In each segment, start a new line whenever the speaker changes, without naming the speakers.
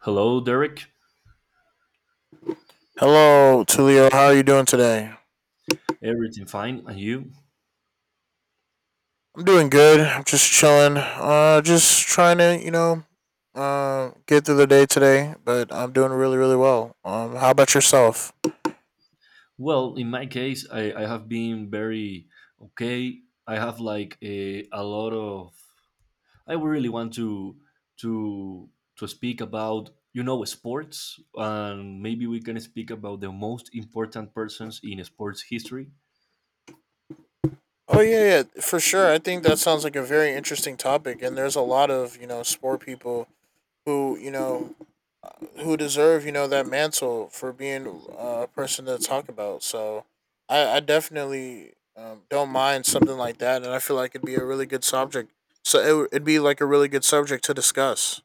Hello, Derek.
Hello, Tulio. How are you doing today?
Everything fine? And you?
I'm doing good. I'm just chilling. Just trying to, you know, get through the day today. But I'm doing really, really well. How about yourself?
Well, in my case, I have been very okay. I have like a lot of. I really want to to to speak about sports, and maybe we can speak about the most important persons in sports history.
Oh yeah, yeah, for sure. I think that sounds like a very interesting topic, and there's a lot of you know sport people who who deserve you know that mantle for being a person to talk about. So I definitely don't mind something like that, and I feel like it'd be a really good subject. So it'd be like a really good subject to discuss.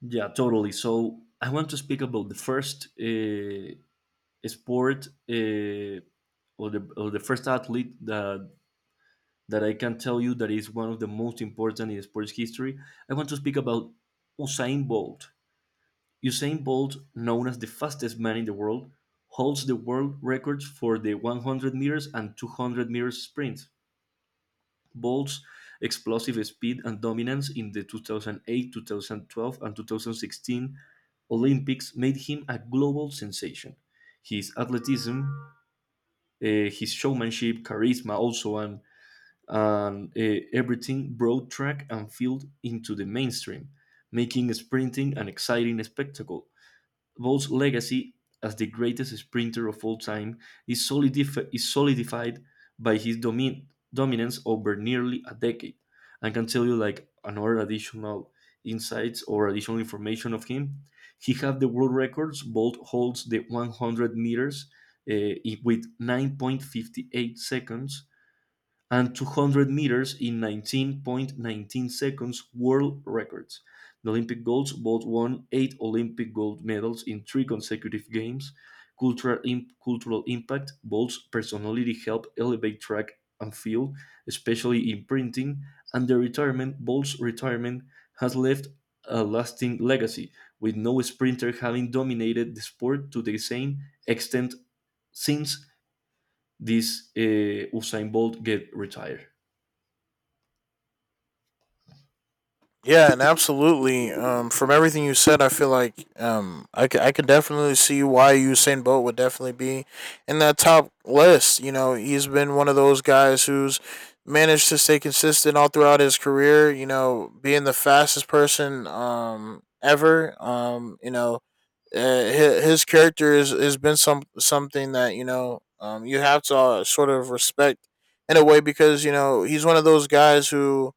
Yeah, totally. So I want to speak about the first sport or the first athlete that I can tell you that is one of the most important in sports history. I want to speak about Usain Bolt. Usain Bolt, known as the fastest man in the world, holds the world records for the 100 meters and 200 meters sprint. Bolt's explosive speed and dominance in the 2008, 2012, and 2016 Olympics made him a global sensation. His athleticism, his showmanship, charisma, also, and everything brought track and field into the mainstream, making sprinting an exciting spectacle. Bolt's legacy as the greatest sprinter of all time is solidified by his dominance over nearly a decade. I can tell you like another additional insights or additional information of him. He had the world records. Bolt holds the 100 meters eh, with 9.58 seconds and 200 meters in 19.19 seconds world records. The Olympic goals both won eight Olympic gold medals in three consecutive games. Cultural impact, Bolt's personality helped elevate track and field, especially in printing, and the retirement, Bolt's retirement has left a lasting legacy, with no sprinter having dominated the sport to the same extent since this Usain Bolt get retired.
Yeah, and absolutely. From everything you said, I feel like I could definitely see why Usain Bolt would definitely be in that top list. You know, he's been one of those guys who's managed to stay consistent all throughout his career. You know, being the fastest person ever. You know, his character is has been something that you know you have to sort of respect in a way because you know he's one of those guys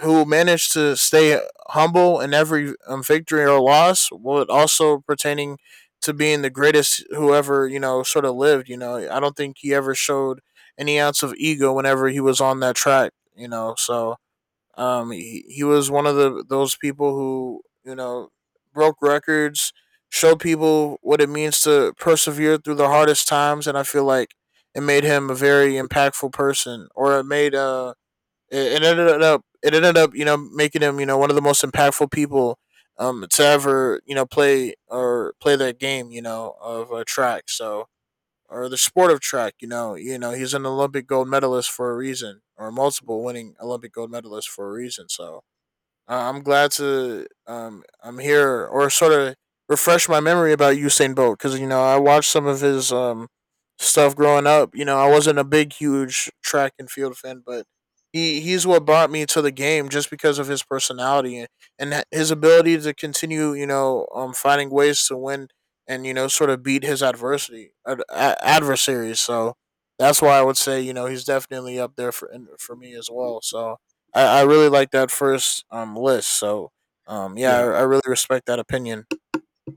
who managed to stay humble in every victory or loss, while also pertaining to being the greatest whoever you know sort of lived. You know, I don't think he ever showed any ounce of ego whenever he was on that track. You know, so he was one of the those people who you know broke records, showed people what it means to persevere through the hardest times, and I feel like it made him a very impactful person, or it made it, it ended up you know making him you know one of the most impactful people to ever you know play or play that game you know of track, so or the sport of track you know he's an Olympic gold medalist for a reason or multiple winning Olympic gold medalist for a reason, so I'm glad to I'm here or sort of refresh my memory about Usain Bolt because you know I watched some of his stuff growing up. You know I wasn't a big huge track and field fan, but he's what brought me to the game just because of his personality, and his ability to continue you know finding ways to win and you know sort of beat his adversaries. So that's why I would say you know he's definitely up there for me as well. So I really like that first list. So yeah, I,
Yeah,
I really respect that opinion.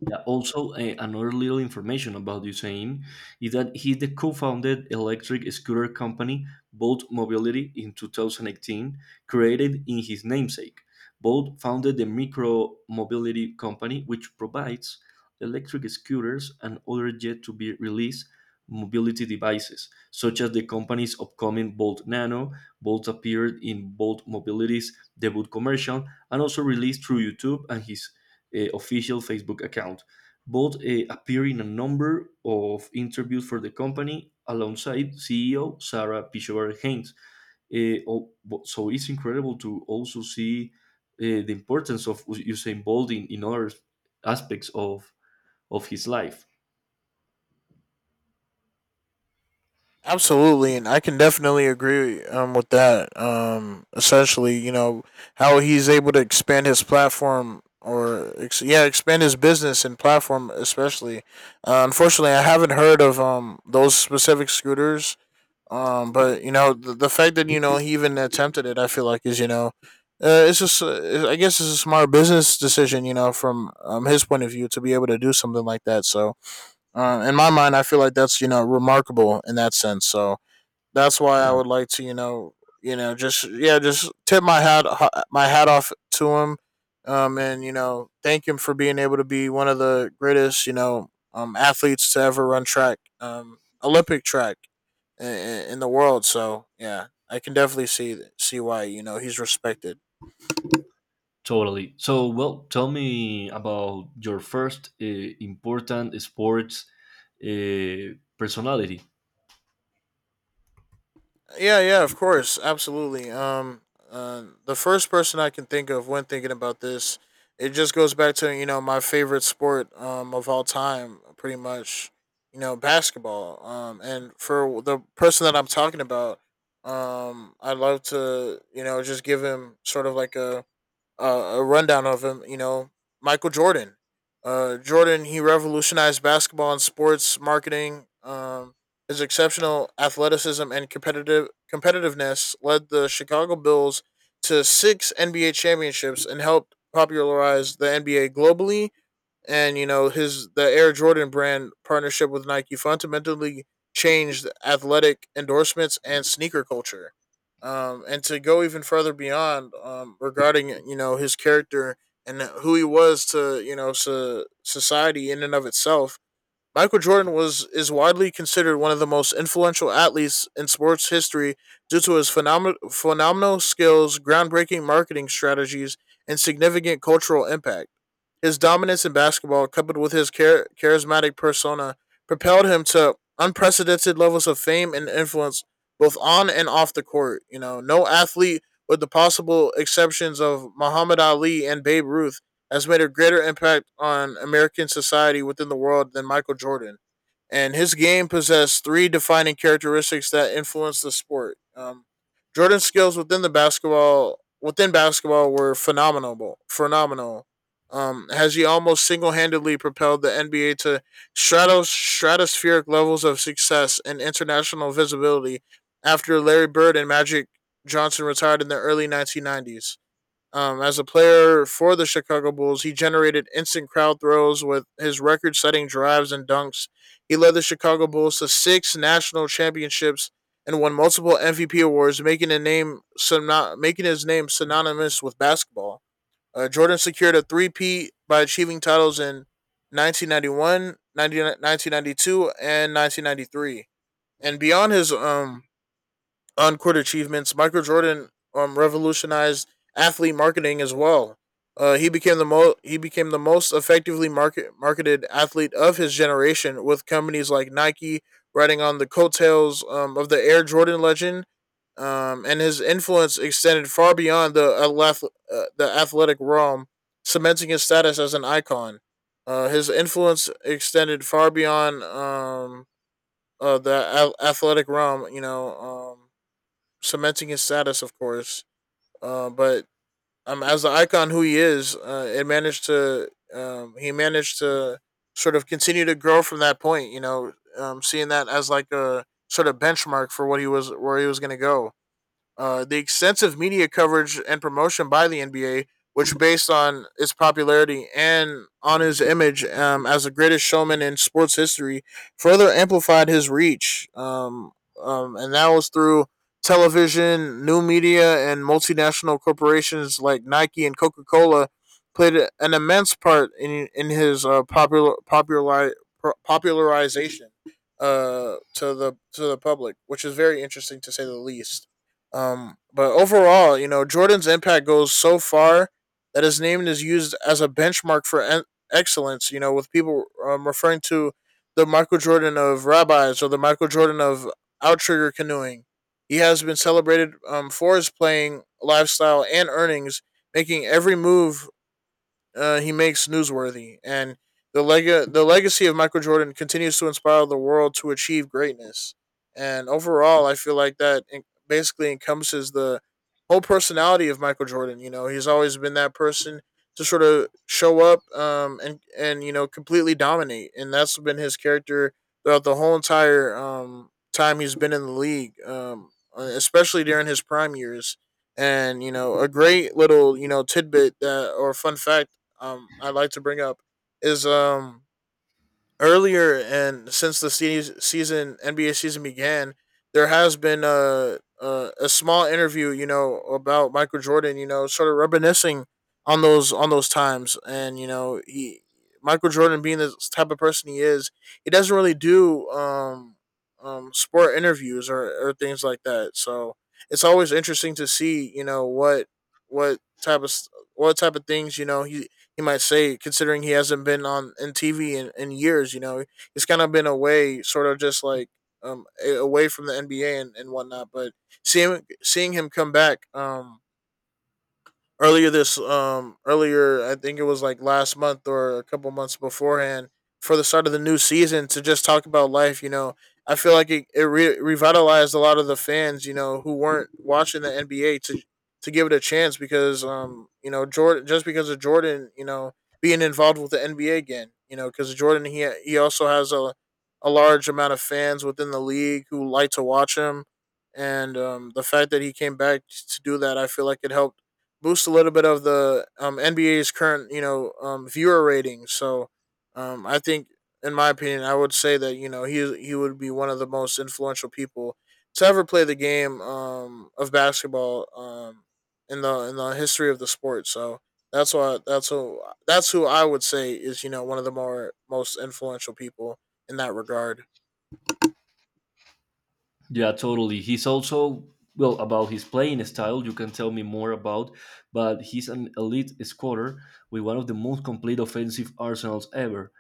yeah. Also, another little information about Usain is that he the co-founded electric scooter company Bolt Mobility in 2018, created in his namesake. Bolt founded the micro mobility company, which provides electric scooters and other yet to be released mobility devices, such as the company's upcoming Bolt Nano. Bolt appeared in Bolt Mobility's debut commercial and also released through YouTube and his official Facebook account, both appear in a number of interviews for the company alongside CEO Sarah Pichover Haynes. Uh, oh, so it's incredible to also see the importance of Usain Bolt in other aspects of his life.
Absolutely, and I can definitely agree with that. Essentially, you know how he's able to expand his platform yeah expand his business and platform, especially unfortunately I haven't heard of those specific scooters. But you know, the fact that you know he even attempted it, I feel like is you know, it's just I guess it's a smart business decision, you know, from his point of view to be able to do something like that. So, in my mind, I feel like that's you know remarkable in that sense. So, that's why I
Yeah,
would like to, you know, just yeah, just tip my hat off to him, and you know, thank him for being able to be one of the greatest, you know, athletes to ever run track, Olympic track, in, in the world. So yeah, I can definitely see why you know he's respected.
totally. So, well, tell me about your first important sports personality.
Yeah, yeah, of course, absolutely. The first person I can think of when thinking about this, it just goes back to you know my favorite sport of all time, pretty much, you know basketball. And for the person that I'm talking about, I'd love to you know just give him sort of like a rundown of him. You know, Michael Jordan. Jordan, he revolutionized basketball and sports marketing. His exceptional athleticism and competitiveness led the Chicago Bulls to six NBA championships and helped popularize the NBA globally, and you know his the Air Jordan brand partnership with Nike fundamentally changed athletic endorsements and sneaker culture. And to go even further beyond regarding you know his character and who he was to you know society in and of itself, Michael Jordan was is widely considered one of the most influential athletes in sports history due to his phenomenal skills, groundbreaking marketing strategies, and significant cultural impact. His dominance in basketball, coupled with his charismatic persona, propelled him to unprecedented levels of fame and influence both on and off the court. You know, no athlete, with the possible exceptions of Muhammad Ali and Babe Ruth, has made a greater impact on American society within the world than Michael Jordan. And his game possessed three defining characteristics that influenced the sport. Jordan's skills within basketball were phenomenal. Phenomenal, as he almost single-handedly propelled the NBA to stratospheric levels of success and international visibility after Larry Bird and Magic Johnson retired in the early 1990s. As a player for the Chicago Bulls, he generated instant crowd throws with his record setting drives and dunks. He led the Chicago Bulls to six national championships and won multiple MVP awards, making his name synonymous with basketball. Jordan secured a three-peat by achieving titles in 1991, 1992, and 1993. And beyond his on court achievements, Michael Jordan revolutionized athlete marketing as well. He became the most effectively marketed athlete of his generation, with companies like Nike riding on the coattails of the Air Jordan legend, and his influence extended far beyond the the athletic realm, cementing his status as an icon. His influence extended far beyond the athletic realm, you know, cementing his status, of course. But As the icon who he is, it managed to he managed to sort of continue to grow from that point. You know, seeing that as like a sort of benchmark for what he was where he was going to go. The extensive media coverage and promotion by the NBA, which based on its popularity and on his image as the greatest showman in sports history, further amplified his reach. And that was through television, new media, and multinational corporations like Nike and Coca Cola played an immense part in his popularization to the public, which is very interesting to say the least. But overall, you know, Jordan's impact goes so far that his name is used as a benchmark for excellence. You know, with people referring to the Michael Jordan of rabbis or the Michael Jordan of outrigger canoeing. He has been celebrated for his playing lifestyle and earnings, making every move he makes newsworthy, and the legacy of Michael Jordan continues to inspire the world to achieve greatness. And overall, I feel like that basically encompasses the whole personality of Michael Jordan. You know, he's always been that person to sort of show up and you know completely dominate, and that's been his character throughout the whole entire time he's been in the league, especially during his prime years. And you know, a great little you know tidbit that or fun fact I'd like to bring up is earlier and since the season NBA season began, there has been a, a small interview, you know, about Michael Jordan, you know, sort of reminiscing on those times, and you know, he Michael Jordan being the type of person he is, he doesn't really do sport interviews, or things like that. So it's always interesting to see, you know, what type of things you know he might say, considering he hasn't been on in TV in years. You know, he's kind of been away, sort of just like um away from the NBA, and whatnot. But seeing him come back, earlier this earlier I think it was like last month or a couple months beforehand for the start of the new season to just talk about life. You know, I feel like it revitalized a lot of the fans. You know, who weren't watching the NBA to give it a chance because you know Jordan, just because of Jordan you know being involved with the NBA again. You know, because Jordan he also has a large amount of fans within the league who like to watch him. And the fact that he came back to do that, I feel like it helped boost a little bit of the NBA's current, you know, viewer ratings. So I think, in my opinion, I would say that he would be one of the most influential people to ever play the game of basketball in the history of the sport. So that's who I would say is one of the more most influential people in that regard.
Yeah, totally. He's also, well, about his playing style, you can tell me more about, but he's an elite scorer with one of the most complete offensive arsenals ever.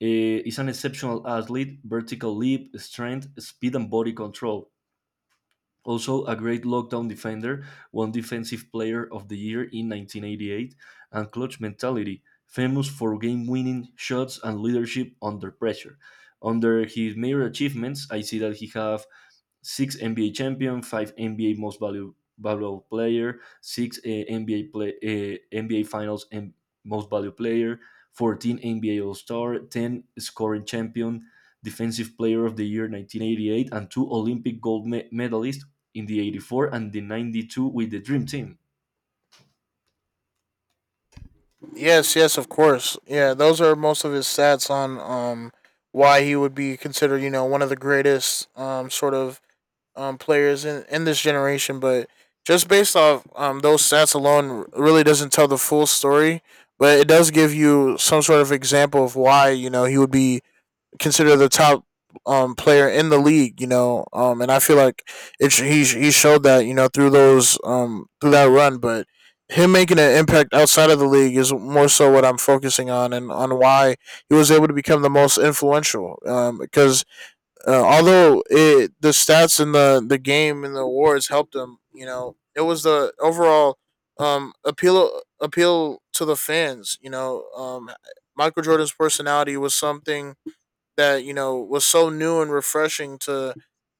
He's an exceptional athlete, vertical leap, strength, speed, and body control. Also, a great lockdown defender, won Defensive Player of the Year in 1988, and clutch mentality, famous for game winning shots and leadership under pressure. Under his major achievements, I see that he have six NBA champion, five NBA valuable player, NBA Finals and most valuable player, 14 NBA All Star, 10 scoring champion, defensive player of the year 1988, and two Olympic gold medalists in the 84 and the 92 with the Dream Team.
Yes, yes, of course. Yeah, those are most of his stats on why he would be considered, you know, one of the greatest sort of players in this generation, but just based off those stats alone really doesn't tell the full story, but it does give you some sort of example of why, you know, he would be considered the top player in the league, and I feel like he showed that, through those through that run. But him making an impact outside of the league is more so what I'm focusing on, and on why he was able to become the most influential. Because although the stats and the game and the awards helped him, you know, it was the overall appeal to the fans. Michael Jordan's personality was something that was so new and refreshing to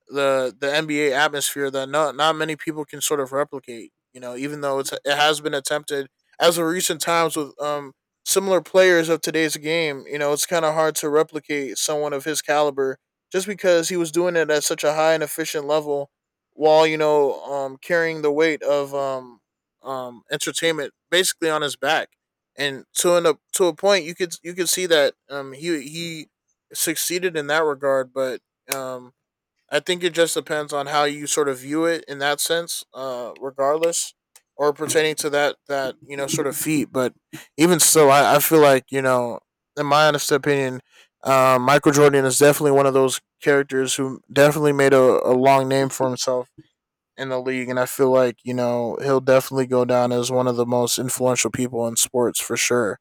the NBA atmosphere that not many people can sort of replicate. You know, even though it has been attempted as of recent times with similar players of today's game. You know, it's kind of hard to replicate someone of his caliber just because he was doing it at such a high and efficient level while carrying the weight of entertainment, basically, on his back. And to a point, you could see that he succeeded in that regard, but um I think it just depends on how you sort of view it in that sense, regardless, or pertaining to that sort of feat. But even so, I feel like in my honest opinion, Michael Jordan is definitely one of those characters who definitely made a long name for himself in the league, and I feel like he'll definitely go down as one of the most influential people in sports for sure.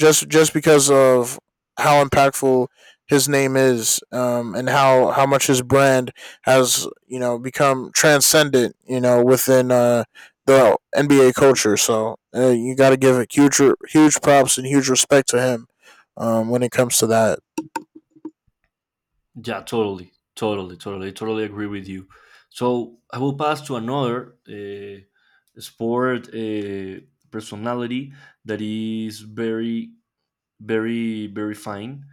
Just because of how impactful his name is, and how much his brand has become transcendent, within the NBA culture. So you got to give it huge props and huge respect to him when it comes to that.
Yeah, totally, agree with you. So I will pass to another sport personality that is very fine.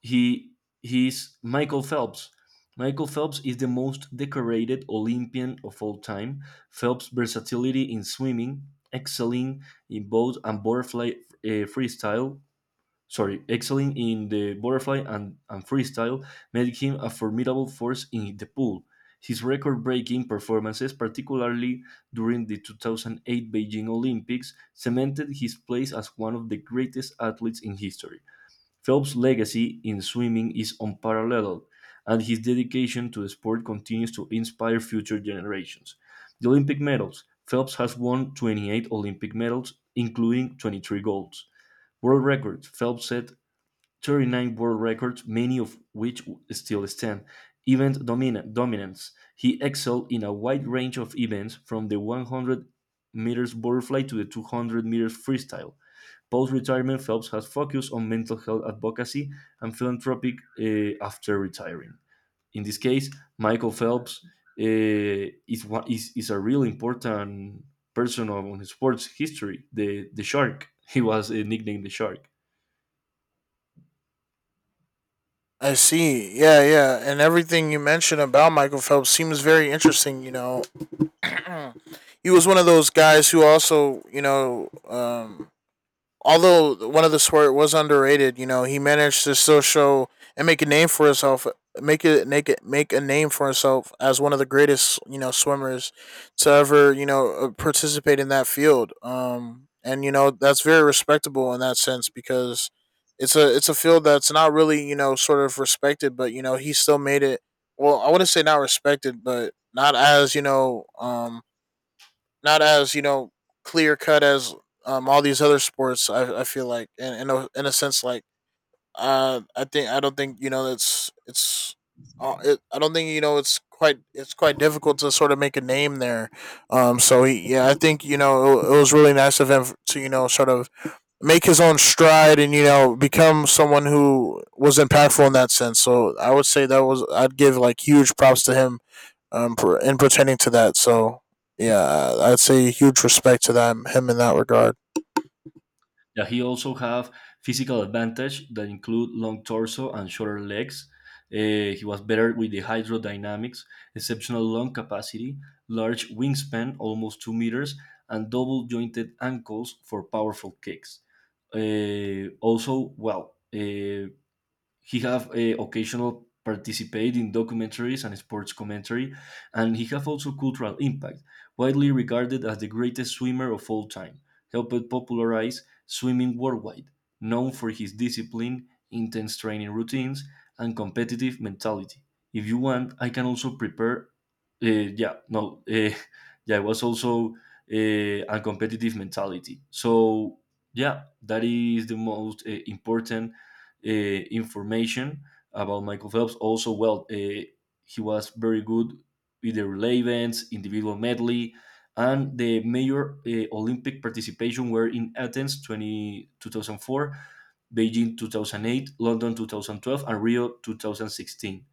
He he's Michael Phelps. Michael Phelps is the most decorated Olympian of all time. Phelps' versatility in swimming, excelling in both and butterfly uh, freestyle, excelling in the butterfly and freestyle, made him a formidable force in the pool. His record breaking performances, particularly during the 2008 Beijing Olympics, cemented his place as one of the greatest athletes in history. Phelps' legacy in swimming is unparalleled, and his dedication to the sport continues to inspire future generations. The Olympic medals Phelps has won 28 Olympic medals, including 23 golds. World records Phelps set 39 world records, many of which still stand. Event dominance. He excelled in a wide range of events, from the 100 meters butterfly to the 200 meters freestyle. Post retirement, Phelps has focused on mental health advocacy and philanthropic after retiring. In this case, Michael Phelps is a real important person on sports history. The shark. He was nicknamed the shark.
I see. Yeah, yeah. And everything you mentioned about Michael Phelps seems very interesting, you know. He was one of those guys who also, although one of the swear was underrated, you know, he managed to still show and make a name for himself, make a name for himself as one of the greatest, you know, swimmers to ever, participate in that field. And that's very respectable in that sense because it's a field that's not really sort of respected, but he still made it. Well, I wouldn't say not respected, but not as not as clear cut as all these other sports. I feel like, and in a sense like I don't think you know that's it's. It, I don't think it's quite difficult to sort of make a name there, So yeah, I think it was really nice of him to sort of make his own stride and become someone who was impactful in that sense. So I would say that was I'd give like huge props to him in pertaining to that. So yeah, I'd say huge respect to him in that regard.
Yeah, he also have physical advantage that include long torso and shorter legs. He was better with the hydrodynamics, exceptional lung capacity, large wingspan, almost 2 meters, and double jointed ankles for powerful kicks. Also, well, he have occasional participate in documentaries and sports commentary, and he have also cultural impact, widely regarded as the greatest swimmer of all time, helped popularize swimming worldwide, known for his discipline, intense training routines, and competitive mentality. If you want, I can also prepare. Yeah, no, yeah, it was also uh, a competitive mentality. So yeah, that is the most important uh, information about Michael Phelps. Also, well, he was very good with the relay events, individual medley, and the major Olympic participation were in Athens 2004, Beijing 2008, London 2012, and Rio 2016.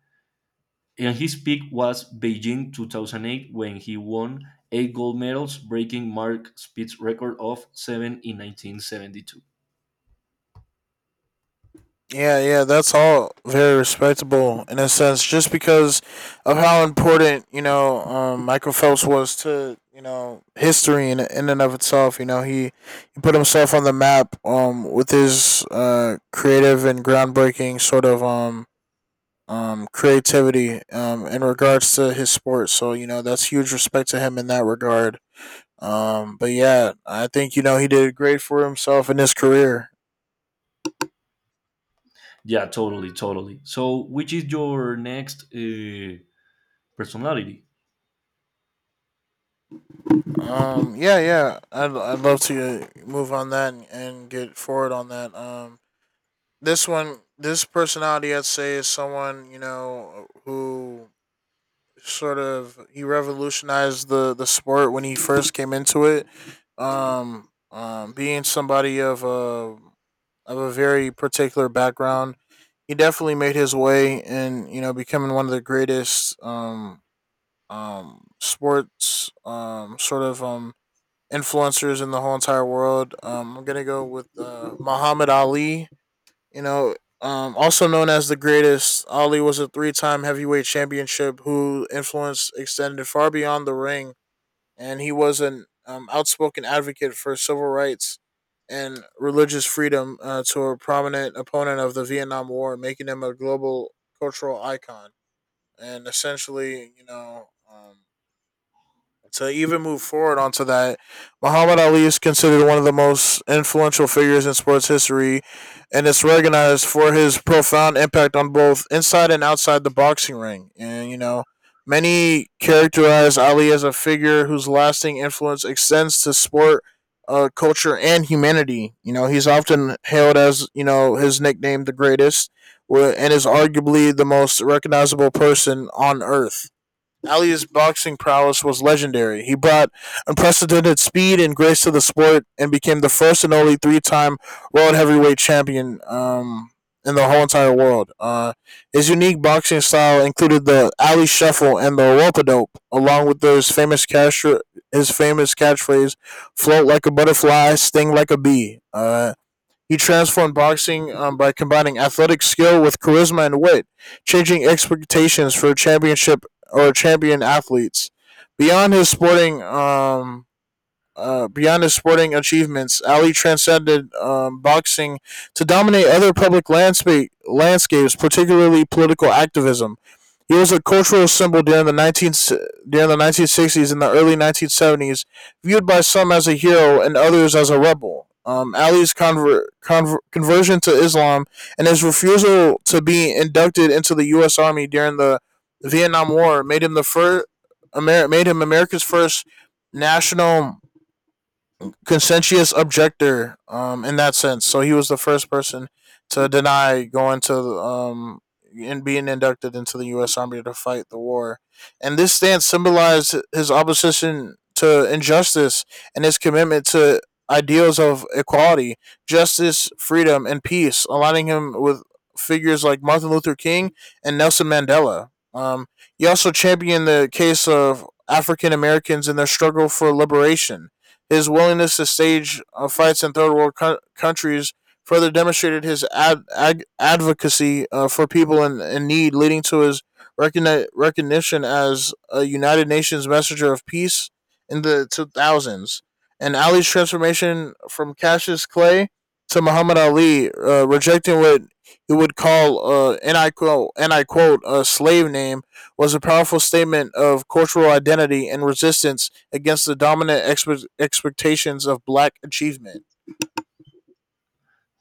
And his peak was Beijing 2008 when he won eight gold medals, breaking Mark Spitz's record of seven in 1972.
Yeah, yeah, that's all very respectable in a sense, just because of how important Michael Phelps was to history in and of itself. You know, he put himself on the map with his creative and groundbreaking sort of creativity in regards to his sport. So you know, that's huge respect to him in that regard. But yeah, I think he did great for himself in his career.
Yeah, totally, totally. So, which is your next personality?
Yeah. I'd love to move on that, and get forward on that. This one, this personality, I'd say, is someone who he revolutionized the sport when he first came into it. Being somebody of a very particular background, he definitely made his way in. Becoming one of the greatest sports influencers in the whole entire world. I'm gonna go with Muhammad Ali. You know, also known as the greatest, Ali was a three-time heavyweight championship who influence extended far beyond the ring, and he was an outspoken advocate for civil rights and religious freedom, to a prominent opponent of the Vietnam War, making him a global cultural icon. And essentially, to even move forward onto that, Muhammad Ali is considered one of the most influential figures in sports history and is recognized for his profound impact on both inside and outside the boxing ring. And, you know, many characterize Ali as a figure whose lasting influence extends to sport, culture, and humanity. You know, he's often hailed as, you know, his nickname, the greatest, and is arguably the most recognizable person on earth. Ali's boxing prowess was legendary. He brought unprecedented speed and grace to the sport and became the first and only three-time world heavyweight champion in the whole entire world. His unique boxing style included the Ali Shuffle and the rope a dope, along with his his famous catchphrase, "Float like a butterfly, sting like a bee." He transformed boxing by combining athletic skill with charisma and wit, changing expectations for champion athletes. Beyond his sporting um, Beyond his sporting achievements, Ali transcended boxing to dominate other public landscapes, particularly political activism. He was a cultural symbol during the 19, during the 1960s and the early 1970s, viewed by some as a hero and others as a rebel. Ali's conversion to Islam and his refusal to be inducted into the U.S. Army during the Vietnam War made him the first. Made him America's first national conscientious objector, in that sense. So he was the first person to deny going to and being inducted into the U.S. Army to fight the war. And this stance symbolized his opposition to injustice and his commitment to ideals of equality, justice, freedom, and peace, aligning him with figures like Martin Luther King and Nelson Mandela. He also championed the case of African Americans in their struggle for liberation. His willingness to stage fights in third world countries further demonstrated his advocacy for people in need, leading to his recognition as a United Nations messenger of peace in the 2000s. And Ali's transformation from Cassius Clay to Muhammad Ali, rejecting what he would call, and I quote, a slave name, was a powerful statement of cultural identity and resistance against the dominant expectations of black achievement.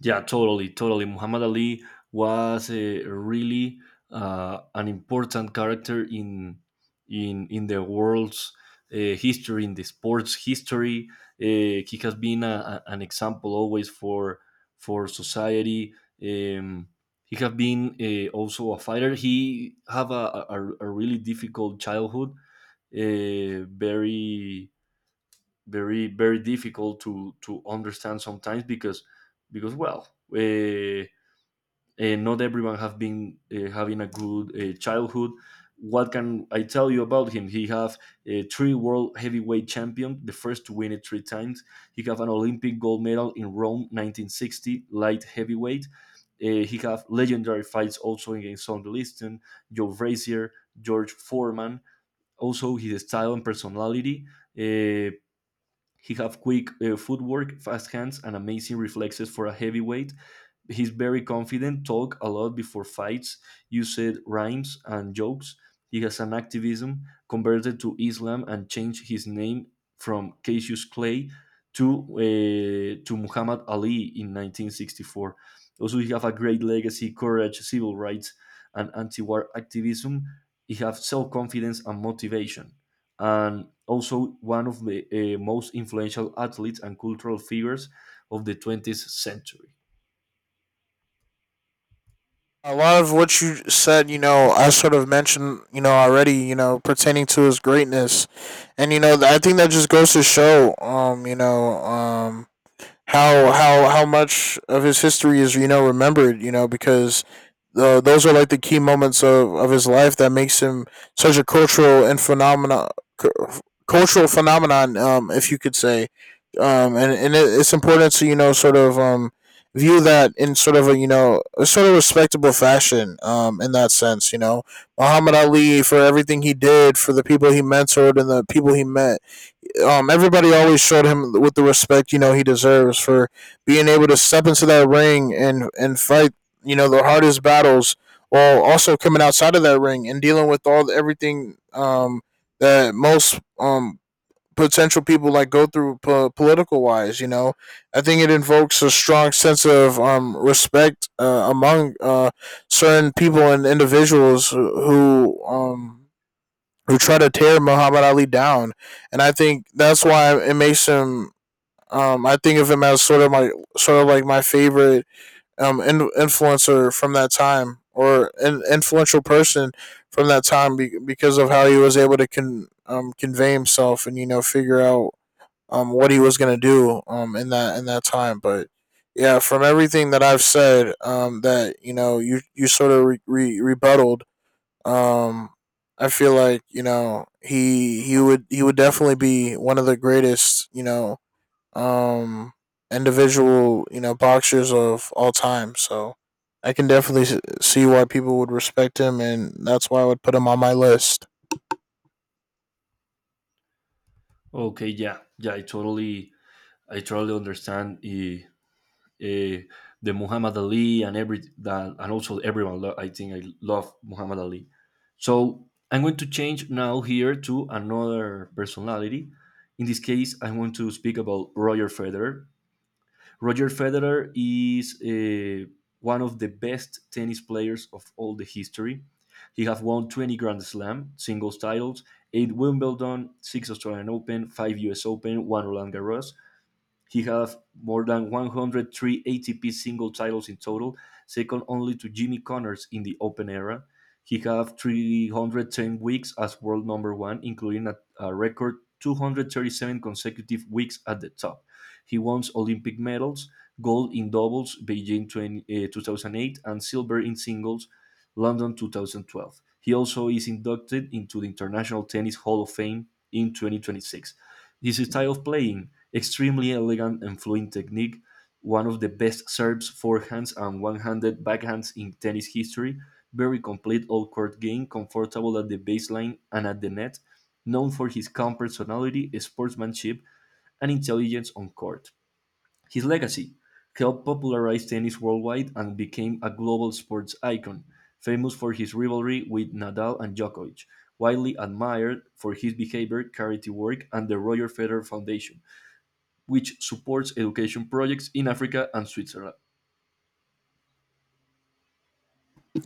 Yeah, totally, totally. Muhammad Ali was a really an important character in the world's history, in the sports history. He has been an example always for society. Um, he has been also a fighter. He have a really difficult childhood. Uh, very very difficult to understand sometimes because well uh, not everyone have been having a good childhood. What can I tell you about him? He have a three world heavyweight champion, the first to win it three times. He have an Olympic gold medal in Rome 1960, light heavyweight. He have legendary fights also against Sonny Liston, Joe Frazier, George Foreman. Also, his style and personality, uh, he have quick footwork, fast hands, and amazing reflexes for a heavyweight. He's very confident, talk a lot before fights, uses rhymes and jokes. He has an activism, converted to Islam and changed his name from Cassius Clay to Muhammad Ali in 1964. Also, he have a great legacy, courage, civil rights, and anti-war activism. He have self-confidence and motivation and also one of the most influential athletes and cultural figures of the 20th century.
A lot of what you said, you know, I sort of mentioned, you know, already, you know, pertaining to his greatness, and you know, I think that just goes to show, how much of his history is remembered. You know, because those are like the key moments of his life that makes him such a cultural and phenomena cultural phenomenon, if you could say. And it's important to sort of view that in sort of a you know a sort of respectable fashion. In that sense, you know, Muhammad Ali, for everything he did for the people he mentored and the people he met, everybody always showed him with the respect you know he deserves for being able to step into that ring and fight you know the hardest battles, while also coming outside of that ring and dealing with all everything that most potential people like go through political wise. You know, I think it invokes a strong sense of respect among certain people and individuals who, um, who try to tear Muhammad Ali down, and I think that's why it makes him. I think of him as sort of my sort of like my favorite influencer from that time, or an influential person from that time, because of how he was able to convey himself and you know figure out what he was gonna do in that time. But yeah, from everything that I've said, that you know you sort of rebutted, um, I feel like you know he would definitely be one of the greatest, you know, um individual, you know, boxers of all time. So I can definitely see why people would respect him, and that's why I would put him on my list.
Okay, yeah, yeah, I totally understand uh, the Muhammad Ali and every that, and also everyone. I think I love Muhammad Ali. So I'm going to change now here to another personality. In this case, I want to speak about Roger Federer. Roger Federer is one of the best tennis players of all the history. He has won 20 Grand Slam singles titles, 8 Wimbledon, 6 Australian Open, 5 US Open, 1 Roland Garros. He has more than 103 ATP single titles in total, second only to Jimmy Connors in the Open era. He had 310 weeks as world number one, including a record 237 consecutive weeks at the top. He won Olympic medals, gold in doubles, Beijing 2008, and silver in singles, London 2012. He also is inducted into the International Tennis Hall of Fame in 2026. His style of playing: extremely elegant and fluent technique, one of the best serves, forehands, and one handed backhands in tennis history. Very complete all court game, comfortable at the baseline and at the net. Known for his calm personality, sportsmanship, and intelligence on court. His legacy helped popularize tennis worldwide and became a global sports icon, famous for his rivalry with Nadal and Djokovic, widely admired for his behavior, charity work, and the Roger Federer Foundation, which supports education projects in Africa and Switzerland.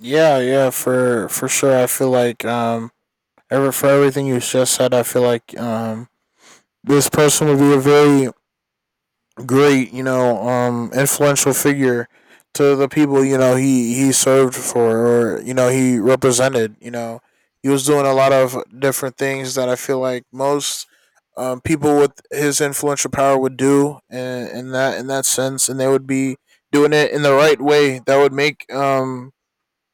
Yeah, yeah, for sure. I feel like ever for everything you just said, I feel like this person would be a very great, you know, influential figure to the people you know he served for or you know he represented. You know, he was doing a lot of different things that I feel like most people with his influential power would do in that sense, and they would be doing it in the right way. That would make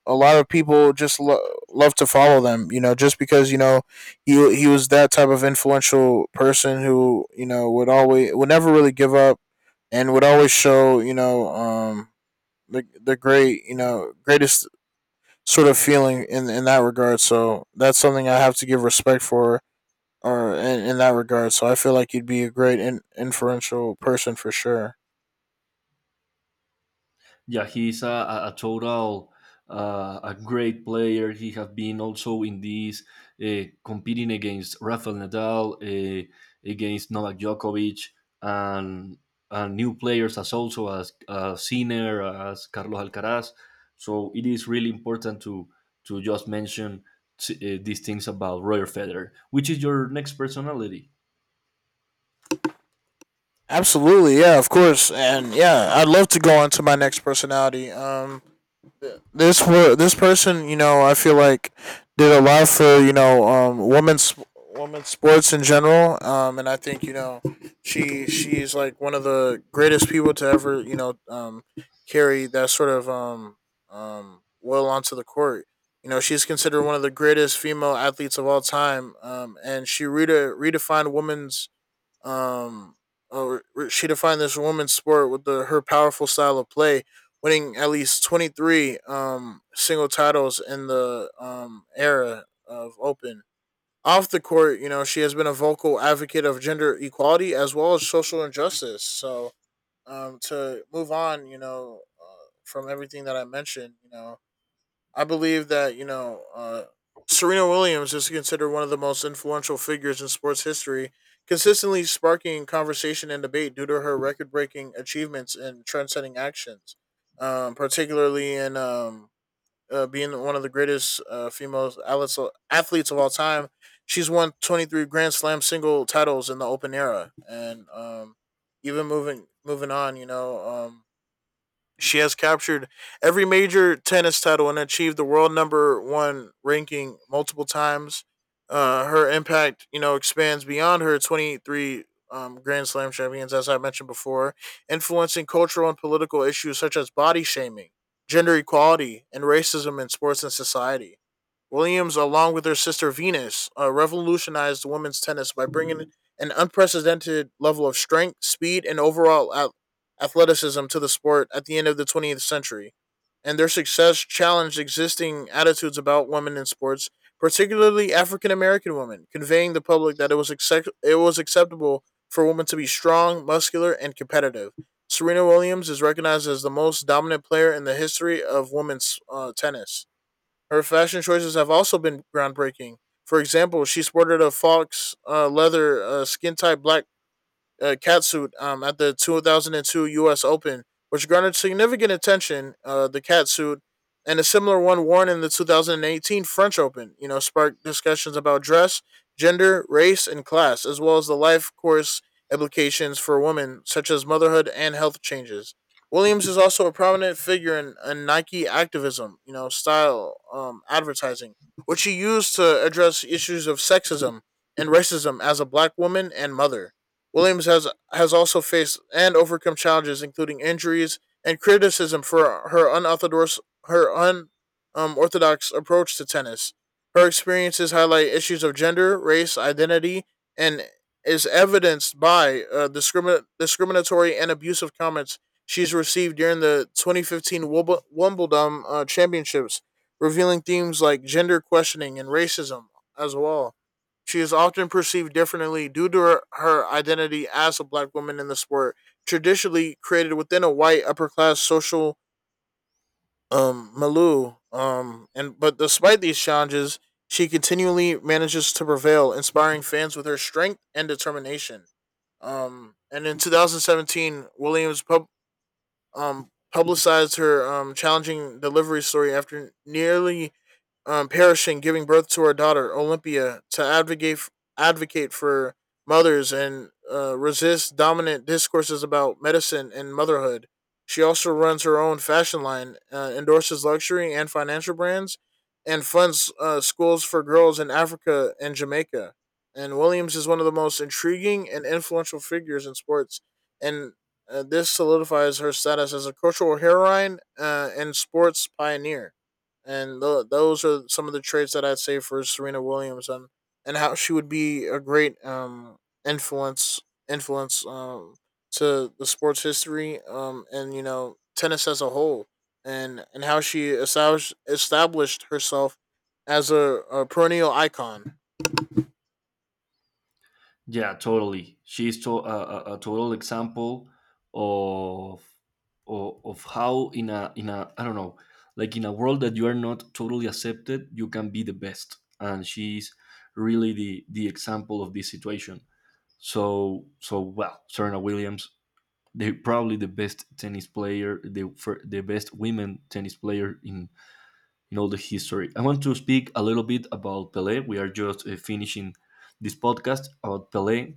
a lot of people just love to follow them. You know, just because you know he was that type of influential person who, you know, would never really give up and would always show, you know, the great, you know, greatest sort of feeling in that regard. So that's something I have to give respect for, or in that regard. So I feel like you'd be a great inferential person for sure.
Yeah, he's a total, a great player. He has been also in these competing against Rafael Nadal, against Novak Djokovic, and and new players as also as Sinner, as Carlos Alcaraz. So it is really important to just mention these things about Roger Federer, which is your next personality.
Absolutely, yeah, of course, and yeah, I'd love to go on to my next personality. This person, you know, I feel like did a lot for, you know, women's sports in general. And I think, you know, she's like one of the greatest people to ever, you know, carry that sort of well onto the court. You know, she's considered one of the greatest female athletes of all time, and um, uh, she defined this women's sport with her powerful style of play, winning at least 23 single titles in the era of Open. Off the court, you know, she has been a vocal advocate of gender equality as well as social injustice. So, to move on, you know, from everything that I mentioned, you know, I believe that, you know, Serena Williams is considered one of the most influential figures in sports history, consistently sparking conversation and debate due to her record-breaking achievements and trendsetting actions, particularly in, being one of the greatest, female athletes of all time. She's won 23 Grand Slam single titles in the Open era, and even moving on, you know. She has captured every major tennis title and achieved the world number one ranking multiple times. Her impact, you know, expands beyond her 23 Grand Slam champions, as I mentioned before, influencing cultural and political issues such as body shaming, gender equality, and racism in sports and society. Williams, along with her sister Venus, revolutionized women's tennis by bringing an unprecedented level of strength, speed, and overall athleticism to the sport at the end of the 20th century, and their success challenged existing attitudes about women in sports, particularly African American women, conveying the public that it was acceptable for women to be strong, muscular, and competitive. Serena Williams is recognized as the most dominant player in the history of women's, tennis. Her fashion choices have also been groundbreaking. For example, she sported a fox, leather, skin tight black, catsuit, at the 2002 U.S. Open, which garnered significant attention. The catsuit and a similar one worn in the 2018 French Open, you know, sparked discussions about dress, gender, race, and class, as well as the life course implications for women, such as motherhood and health changes. Williams is also a prominent figure in, Nike activism, you know, style, advertising, which she used to address issues of sexism and racism as a black woman and mother. Williams has also faced and overcome challenges including injuries and criticism for her unorthodox her un orthodox approach to tennis. Her experiences highlight issues of gender, race, identity, and is evidenced by discriminatory and abusive comments she's received during the 2015 Wimbledon Championships, revealing themes like gender questioning and racism as well. She is often perceived differently due to her identity as a black woman in the sport, traditionally created within a white upper class social milieu. And but despite these challenges, she continually manages to prevail, inspiring fans with her strength and determination. And in 2017, Williams publicized her challenging delivery story after nearly perishing giving birth to her daughter Olympia, to advocate for mothers and resist dominant discourses about medicine and motherhood. She also runs her own fashion line, endorses luxury and financial brands, and funds schools for girls in Africa and Jamaica. And Williams is one of the most intriguing and influential figures in sports, and this solidifies her status as a cultural heroine, and sports pioneer. And those are some of the traits that I'd say for Serena Williams, and how she would be a great influence influence to the sports history, and, you know, tennis as a whole, and how she established herself as a perennial icon.
Yeah, totally. She's a total example of, of how in a I don't know, like in a world that you are not totally accepted, you can be the best, and she's really the example of this situation. So well, Serena Williams, they probably the best tennis player, the best women tennis player in all the history. I want to speak a little bit about Pelé. We are just finishing this podcast about Pelé.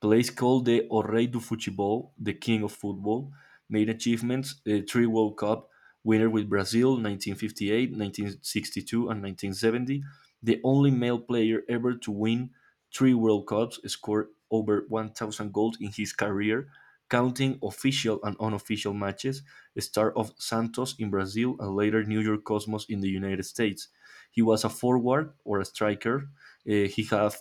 Place called the "O Rei do Futebol", the King of Football, made achievements: three World Cup winner with Brazil, 1958, 1962, and 1970. The only male player ever to win three World Cups, scored over 1,000 goals in his career, counting official and unofficial matches, star of Santos in Brazil and later New York Cosmos in the United States. He was a forward or a striker. He had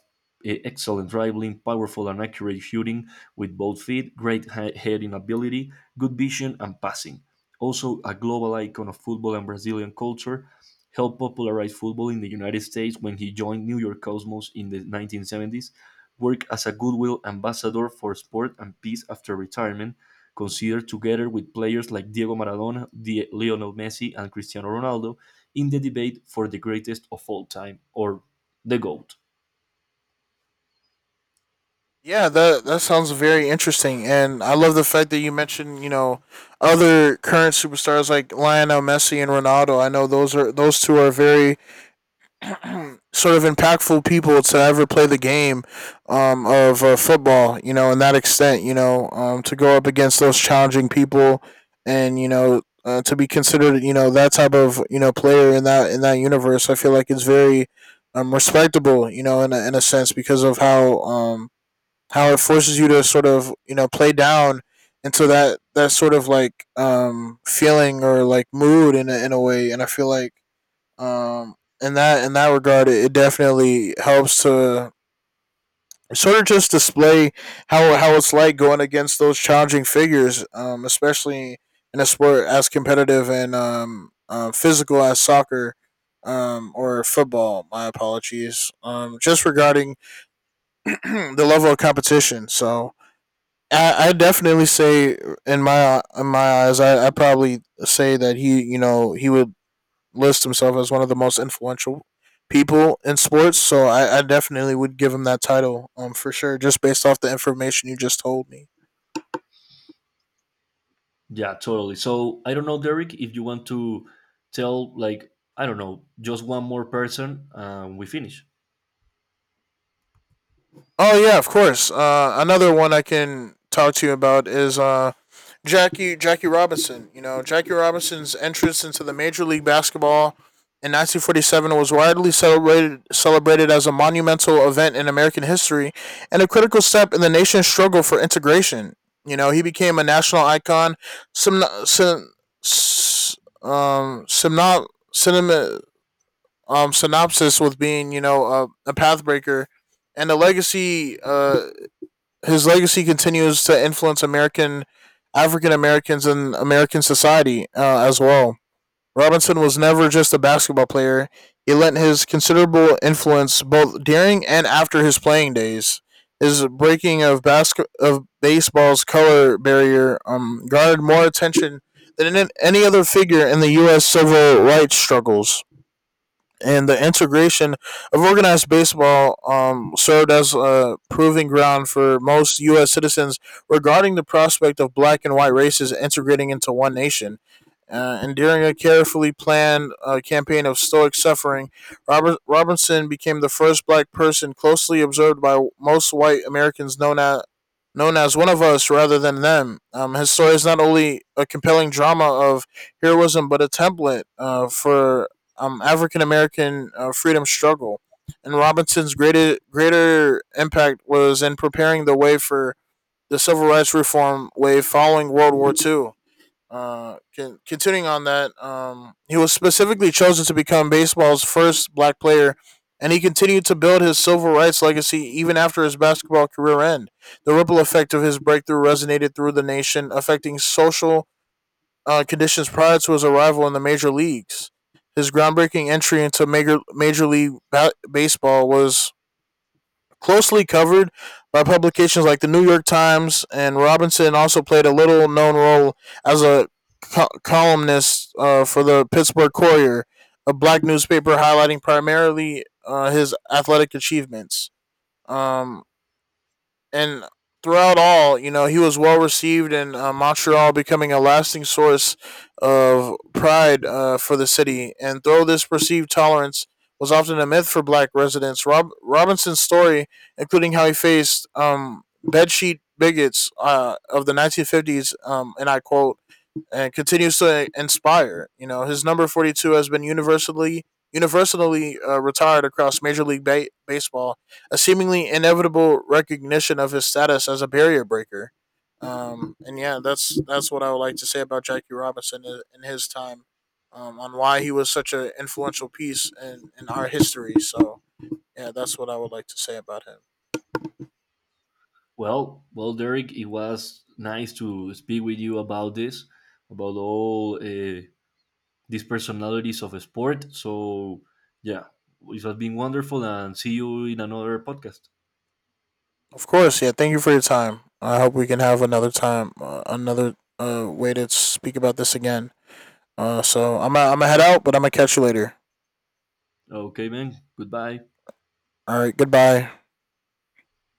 e excellent dribbling, powerful and accurate shooting with both feet, great heading ability, good vision, and passing. Also, a global icon of football and Brazilian culture, helped popularize football in the United States when he joined New York Cosmos in the 1970s, worked as a goodwill ambassador for sport and peace after retirement, considered together with players like Diego Maradona, Lionel Messi, and Cristiano Ronaldo in the debate for the greatest of all time or the GOAT.
Yeah, that sounds very interesting, and I love the fact that you mentioned, you know, other current superstars like Lionel Messi and Ronaldo. I know those two are very sort of impactful people to ever play the game, of, football, you know, in that extent, you know, to go up against those challenging people, and, you know, to be considered, you know, that type of, you know, player in that universe. I feel like it's very, respectable, you know, in a sense, because of how, how it forces you to sort of, you know, play down into that sort of like, feeling or like mood in a way. And I feel like, um, in that regard, it definitely helps to sort of just display how it's like going against those challenging figures, especially in a sport as competitive and, physical as soccer, or football. My apologies. Just regarding the level of competition. So I definitely say in my eyes, I probably say that he you know he would lists himself as one of the most influential people in sports. So I definitely would give him that title, for sure, just based off the information you just told me.
Yeah, totally. So I don't know, Derek, if you want to tell, like, I don't know, just one more person, we finish.
Oh yeah, of course. Another one I can talk to you about is, Jackie Robinson. You know, Jackie Robinson's entrance into the Major League Basketball in 1947 was widely celebrated as a monumental event in American history and a critical step in the nation's struggle for integration. You know, he became a national icon, sim, sim, s- simno- cinema, synopsis with being, you know, a pathbreaker, and his legacy continues to influence American African Americans and American society, as well. Robinson was never just a basketball player; he lent his considerable influence both during and after his playing days. His breaking of basket of baseball's color barrier, garnered more attention than any other figure in the U.S. civil rights struggles, and the integration of organized baseball, served as a proving ground for most U.S. citizens regarding the prospect of black and white races integrating into one nation. And during a carefully planned, campaign of stoic suffering, Robinson became the first black person closely observed by most white Americans, known as one of us rather than them. His story is not only a compelling drama of heroism, but a template, for, African American, freedom struggle. And Robinson's greater impact was in preparing the way for the civil rights reform wave following World War II. Continuing on that, he was specifically chosen to become baseball's first black player, and he continued to build his civil rights legacy even after his basketball career end. The ripple effect of his breakthrough resonated through the nation, affecting social, conditions prior to his arrival in the major leagues. His groundbreaking entry into major league baseball was closely covered by publications like the New York Times, and Robinson also played a little known role as a columnist, for the Pittsburgh Courier, a black newspaper highlighting primarily, his athletic achievements. Um, and throughout all, you know, he was well received in, Montreal, becoming a lasting source of pride, for the city. And though this perceived tolerance was often a myth for black residents, Robinson's story, including how he faced, bedsheet bigots, of the 1950s, and I quote, and continues to inspire. You know, his number 42 has been universally retired across Major League Baseball, a seemingly inevitable recognition of his status as a barrier breaker. And yeah, that's what I would like to say about Jackie Robinson in his time, on why he was such an influential piece in our history. So yeah, that's what I would like to say about him.
Well, well, Derek, it was nice to speak with you about this, about all these personalities of sport. So yeah, it has been wonderful, and see you in another podcast.
Of course, yeah. Thank you for your time. I hope we can have another time, another, way to speak about this again. So I'm gonna head out, but I'm gonna catch you later.
Okay, man. Goodbye.
All right, goodbye.